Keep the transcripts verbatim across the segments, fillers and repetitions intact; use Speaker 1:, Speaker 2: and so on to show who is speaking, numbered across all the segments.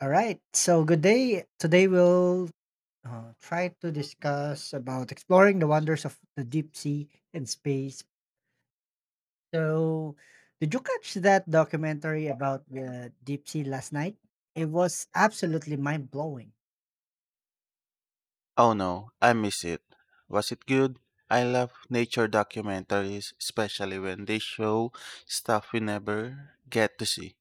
Speaker 1: All right. So good day. Today we'll uh, try to discuss about exploring the wonders of the deep sea and space. So, did you catch that documentary about the deep sea last night? It was absolutely mind blowing.
Speaker 2: Oh no, I miss it. Was it good? I love nature documentaries, especially when they show stuff we never get to see.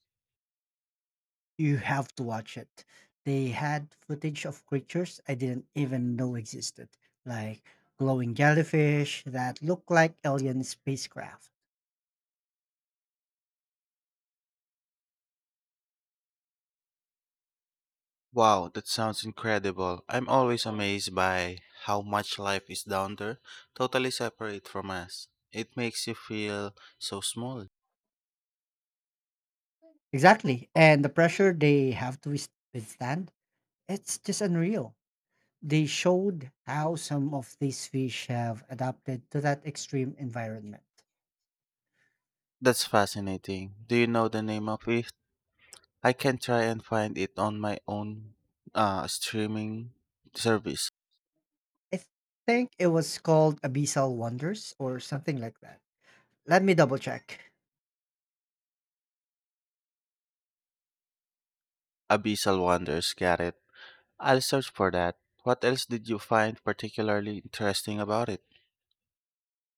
Speaker 1: You have to watch it. They had footage of creatures I didn't even know existed, like glowing jellyfish that look like alien spacecraft.
Speaker 2: Wow, that sounds incredible. I'm always amazed by how much life is down there, totally separate from us. It makes you feel so small.
Speaker 1: Exactly. And the pressure they have to wis- withstand. It's just unreal. They showed how some of these fish have adapted to that extreme environment.
Speaker 2: That's fascinating. Do you know the name of it? I can try and find it on my own uh, streaming service.
Speaker 1: I think it was called Abyssal Wonders or something like that. Let me double check.
Speaker 2: Abyssal Wonders, got it? I'll search for that. What else did you find particularly interesting about it?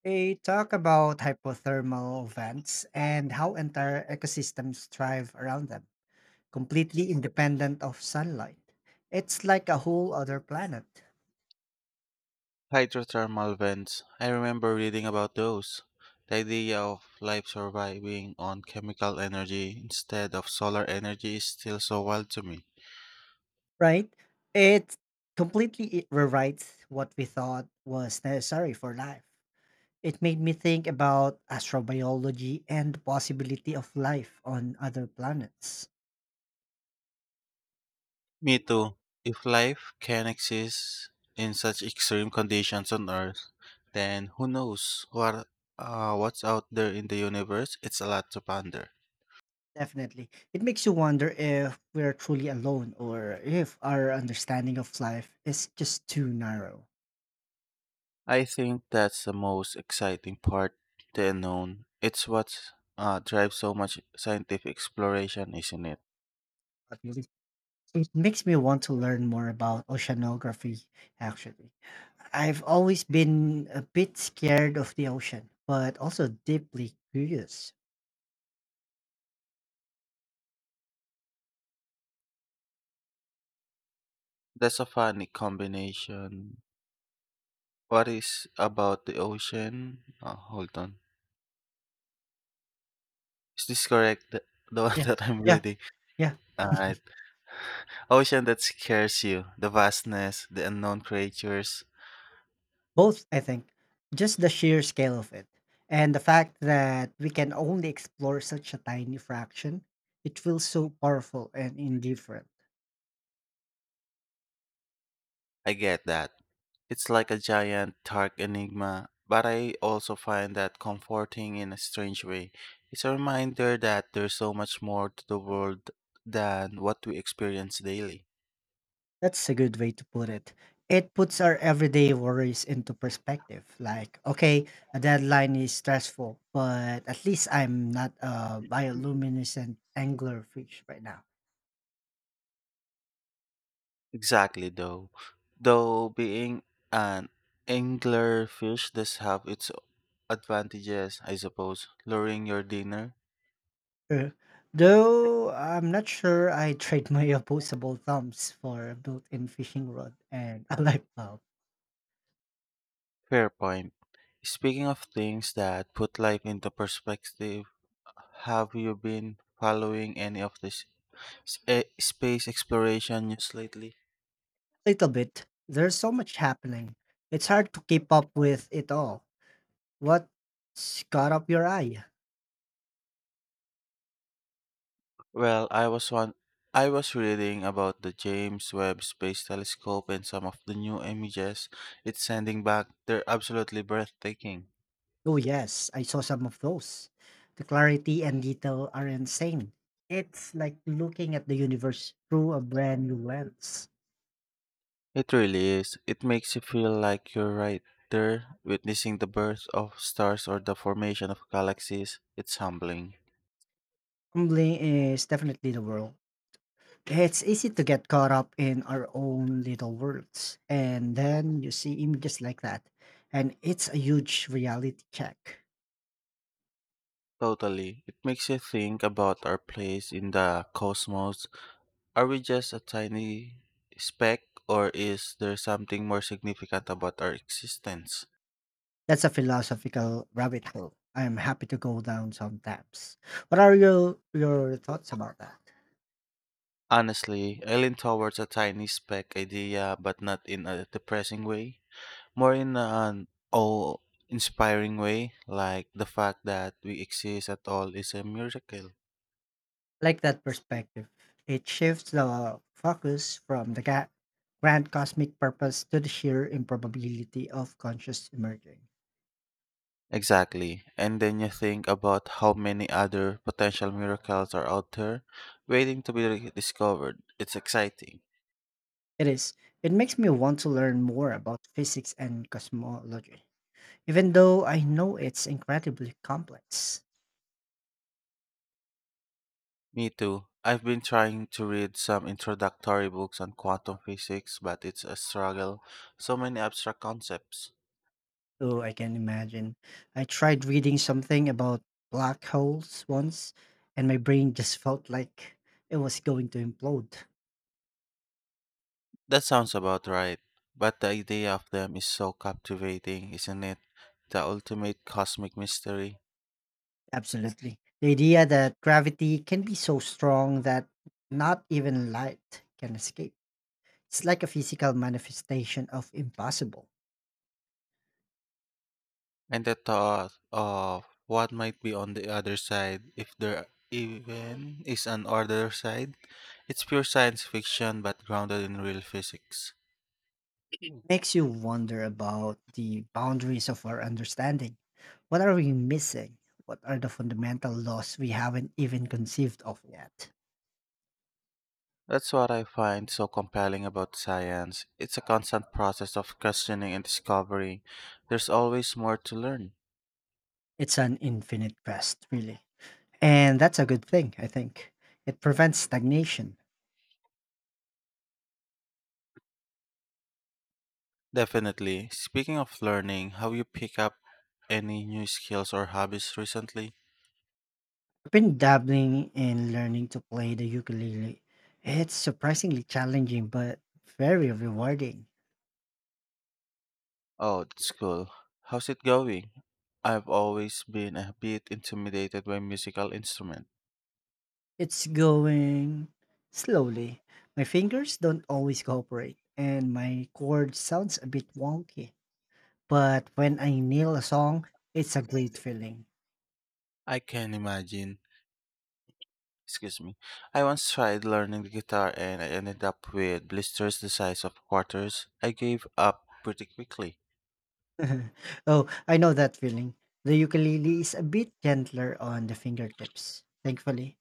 Speaker 1: They talk about hypothermal vents and how entire ecosystems thrive around them, completely independent of sunlight. It's like a whole other planet,
Speaker 2: Hydrothermal vents. I remember reading about those. The idea of life surviving on chemical energy instead of solar energy is still so wild to me.
Speaker 1: right? It completely i- rewrites what we thought was necessary for life. It made me think about astrobiology and the possibility of life on other planets.
Speaker 2: Me too. If life can exist in such extreme conditions on Earth, then who knows what uh, what's out there in the universe? It's a lot to ponder.
Speaker 1: Definitely. It makes you wonder if we're truly alone or if our understanding of life is just too narrow.
Speaker 2: I think that's the most exciting part, the unknown. It's what uh, drives so much scientific exploration, isn't it?
Speaker 1: What do you think? It makes me want to learn more about oceanography, actually. I've always been a bit scared of the ocean, but also deeply curious.
Speaker 2: That's a funny combination. What is about the ocean? Uh, hold on. Is this correct? The, the one
Speaker 1: Yeah,
Speaker 2: that I'm
Speaker 1: yeah,
Speaker 2: reading.
Speaker 1: yeah.
Speaker 2: Alright. Ocean that scares you. The vastness, the unknown creatures.
Speaker 1: Both, I think. Just the sheer scale of it and the fact that we can only explore such a tiny fraction, it feels so powerful and indifferent.
Speaker 2: I get that. It's like a giant, dark enigma, but I also find that comforting in a strange way. It's a reminder that there's so much more to the world than what we experience daily.
Speaker 1: That's a good way to put it. It puts our everyday worries into perspective. Like, okay, a deadline is stressful, but at least I'm not a bioluminescent anglerfish right now.
Speaker 2: Exactly, though. Though being an anglerfish does have its advantages, I suppose. Luring your dinner?
Speaker 1: Uh, Though I'm not sure I trade my opposable thumbs for a built in fishing rod and a light bulb.
Speaker 2: Fair point. Speaking of things that put life into perspective, have you been following any of this s- eh, space exploration news lately?
Speaker 1: Little bit. There's so much happening. It's hard to keep up with it all. What's caught up your eye?
Speaker 2: Well, I was one. I was reading about the James Webb Space Telescope and some of the new images it's sending back. They're absolutely breathtaking.
Speaker 1: Oh, yes, I saw some of those. The clarity and detail are insane. It's like looking at the universe through a brand new lens.
Speaker 2: It really is. It makes you feel like you're right there, witnessing the birth of stars or the formation of galaxies. It's humbling.
Speaker 1: Humbling is definitely the world. It's easy to get caught up in our own little worlds, and then you see images like that, and it's a huge reality check.
Speaker 2: Totally. It makes you think about our place in the cosmos. Are we just a tiny speck, or is there something more significant about our existence?
Speaker 1: That's a philosophical rabbit hole I'm happy to go down sometimes. What are your your thoughts about that?
Speaker 2: Honestly, I lean towards a tiny speck idea, but not in a depressing way. More in an awe inspiring way, like the fact that we exist at all is a miracle.
Speaker 1: Like that perspective, it shifts the focus from the ga- grand cosmic purpose to the sheer improbability of conscious emerging.
Speaker 2: Exactly. And then you think about how many other potential miracles are out there waiting to be discovered. It's exciting.
Speaker 1: It is. It makes me want to learn more about physics and cosmology. Even though I know it's incredibly complex,
Speaker 2: Me too. I've been trying to read some introductory books on quantum physics, but it's a struggle. So many abstract concepts.
Speaker 1: oh, I can imagine. I tried reading something about black holes once, and my brain just felt like it was going to implode.
Speaker 2: That sounds about right. But the idea of them is so captivating, isn't it? The ultimate cosmic mystery.
Speaker 1: Absolutely. The idea that gravity can be so strong that not even light can escape. It's like a physical manifestation of impossible.
Speaker 2: And the thought of what might be on the other side, if there even is an other side. It's pure science fiction, but grounded in real physics.
Speaker 1: Makes you wonder about the boundaries of our understanding. What are we missing? What are the fundamental laws we haven't even conceived of yet?
Speaker 2: That's what I find so compelling about science. It's a constant process of questioning and discovery. There's always more to learn.
Speaker 1: It's an infinite quest, really. And that's a good thing, I think. It prevents stagnation.
Speaker 2: Definitely. Speaking of learning, have you picked up any new skills or hobbies recently?
Speaker 1: I've been dabbling in learning to play the ukulele. It's surprisingly challenging, but very rewarding.
Speaker 2: Oh, that's cool. How's it going? I've always been a bit intimidated by musical instrument.
Speaker 1: It's going slowly. My fingers don't always cooperate, and my chord sounds a bit wonky. But when I nail a song, it's a great feeling.
Speaker 2: I can imagine. Excuse me. I once tried learning the guitar and I ended up with blisters the size of quarters. I gave up pretty quickly.
Speaker 1: Oh, I know that feeling. The ukulele is a bit gentler on the fingertips, thankfully.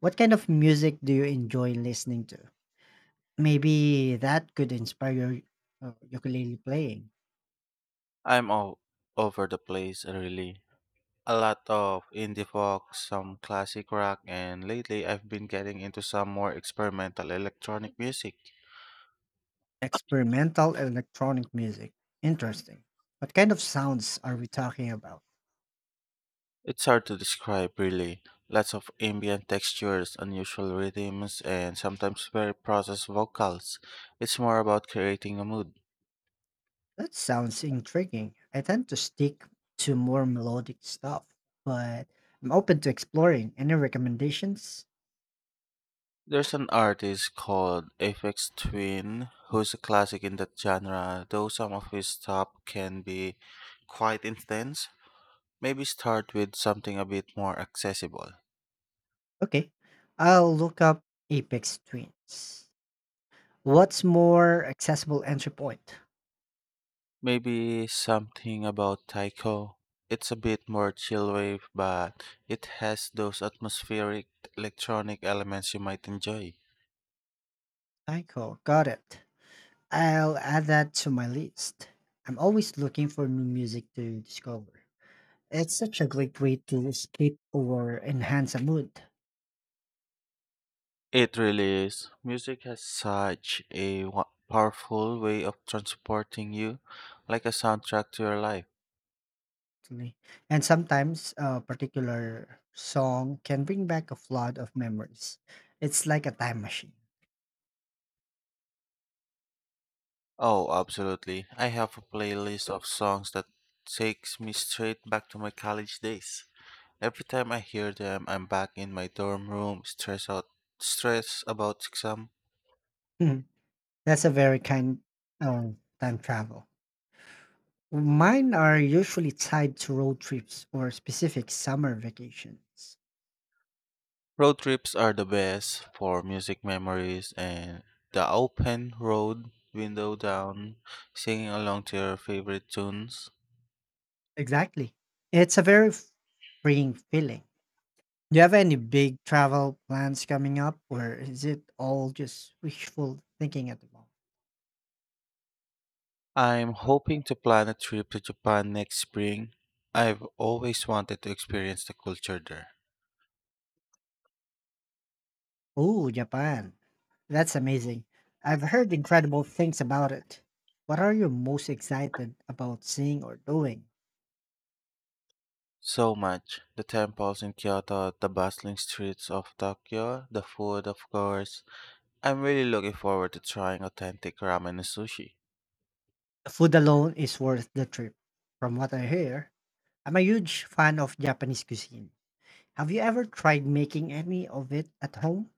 Speaker 1: What kind of music do you enjoy listening to? Maybe that could inspire your uh, ukulele playing.
Speaker 2: I'm all over the place, really. A lot of indie folk, some classic rock, and lately I've been getting into some more experimental electronic music.
Speaker 1: Experimental electronic music. Interesting. What kind of sounds are we talking about?
Speaker 2: It's hard to describe, really. Lots of ambient textures, unusual rhythms, and sometimes very processed vocals. It's more about creating a mood.
Speaker 1: That sounds intriguing. I tend to stick to more melodic stuff, but I'm open to exploring. Any recommendations?
Speaker 2: There's an artist called Aphex Twin who's a classic in that genre, though some of his stuff can be quite intense. Maybe start with something a bit more accessible.
Speaker 1: Okay, I'll look up Apex Twins. What's more accessible entry point?
Speaker 2: Maybe something about taiko. It's a bit more chill wave, but it has those atmospheric electronic elements you might enjoy.
Speaker 1: Tycho, got it. I'll add that to my list. I'm always looking for new music to discover. It's such a great way to escape or enhance a mood,
Speaker 2: It really is. Music has such a wa- powerful way of transporting you, like a soundtrack to your life.
Speaker 1: actually. And sometimes a particular song can bring back a flood of memories. It's like a time machine.
Speaker 2: Oh, absolutely. I have a playlist of songs that takes me straight back to my college days. Every time I hear them, I'm back in my dorm room, stress out, stress about exam.
Speaker 1: That's a very kind of time travel. Mine are usually tied to road trips or specific summer vacations.
Speaker 2: Road trips are the best for music memories and the open road window down, singing along to your favorite tunes.
Speaker 1: Exactly. It's a very f- freeing feeling. Do you have any big travel plans coming up, or is it all just wishful thinking at the moment?
Speaker 2: I'm hoping to plan a trip to Japan next spring. I've always wanted to experience the culture there.
Speaker 1: Ooh, Japan. That's amazing. I've heard incredible things about it. What are you most excited about seeing or doing?
Speaker 2: So much. The temples in Kyoto, the bustling streets of Tokyo, the food, of course, I'm really looking forward to trying authentic ramen and sushi.
Speaker 1: The food alone is worth the trip. From what I hear, I'm a huge fan of Japanese cuisine. Have you ever tried making any of it at home?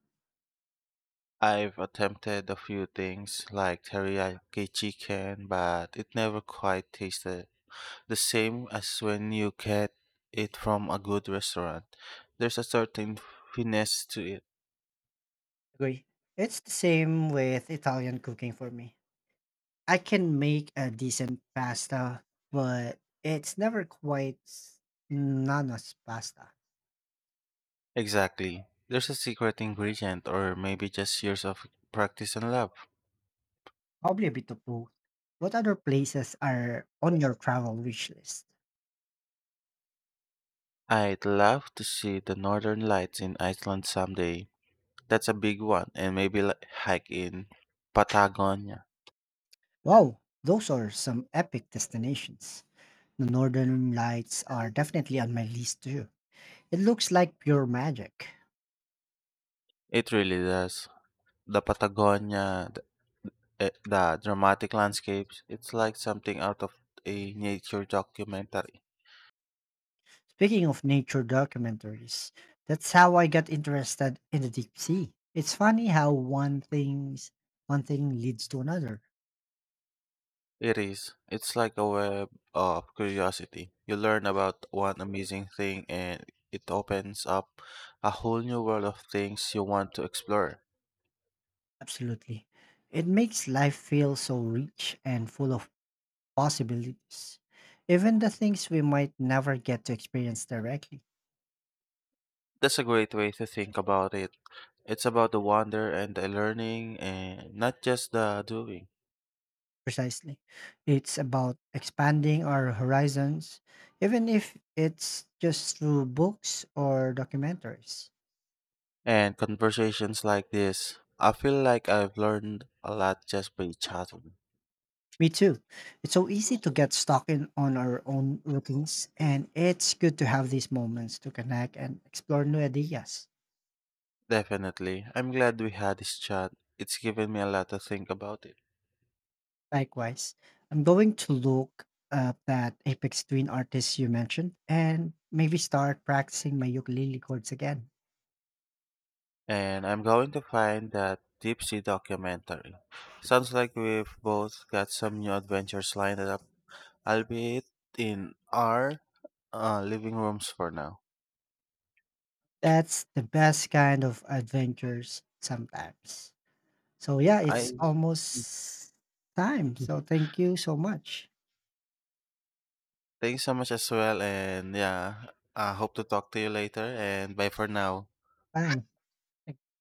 Speaker 2: I've attempted a few things like teriyaki chicken, but it never quite tasted the same as when you get it from a good restaurant. There's a certain finesse to it.
Speaker 1: Agree. It's the same with Italian cooking for me. I can make a decent pasta, but it's never quite s- Nana's pasta.
Speaker 2: Exactly. There's a secret ingredient, or maybe just years of practice and love.
Speaker 1: Probably a bit of both. What other places are on your travel wish list?
Speaker 2: I'd love to see the northern lights in Iceland someday. That's a big one, and maybe like, hike in Patagonia.
Speaker 1: Wow, those are some epic destinations. The Northern Lights are definitely on my list too. It looks like pure magic.
Speaker 2: It really does. The Patagonia, the, eh, the dramatic landscapes, it's like something out of a nature documentary.
Speaker 1: Speaking of nature documentaries, that's how I got interested in the deep sea. It's funny how one things one thing leads to another.
Speaker 2: It is. It's like a web of curiosity. You learn about one amazing thing and it opens up a whole new world of things you want to explore.
Speaker 1: Absolutely. It makes life feel so rich and full of possibilities, even the things we might never get to experience directly.
Speaker 2: That's a great way to think about it. It's about the wonder and the learning and not just the doing.
Speaker 1: Precisely. It's about expanding our horizons, even if it's just through books or documentaries.
Speaker 2: And conversations like this. I feel like I've learned a lot just by chatting.
Speaker 1: Me too. It's so easy to get stuck in on our own routines, and it's good to have these moments to connect and explore new ideas.
Speaker 2: Definitely. I'm glad we had this chat. It's given me a lot to think about it.
Speaker 1: Likewise, I'm going to look up that Apex Twin artist you mentioned and maybe start practicing my ukulele chords again.
Speaker 2: And I'm going to find that deep sea documentary. Sounds like we've both got some new adventures lined up, albeit in our uh, living rooms for now.
Speaker 1: That's the best kind of adventures sometimes. So, yeah,
Speaker 2: I
Speaker 1: it's almost time. So, thank you so much.
Speaker 2: thanks so much as well, and yeah, I hope to talk to you later. And bye for now.
Speaker 1: Bye.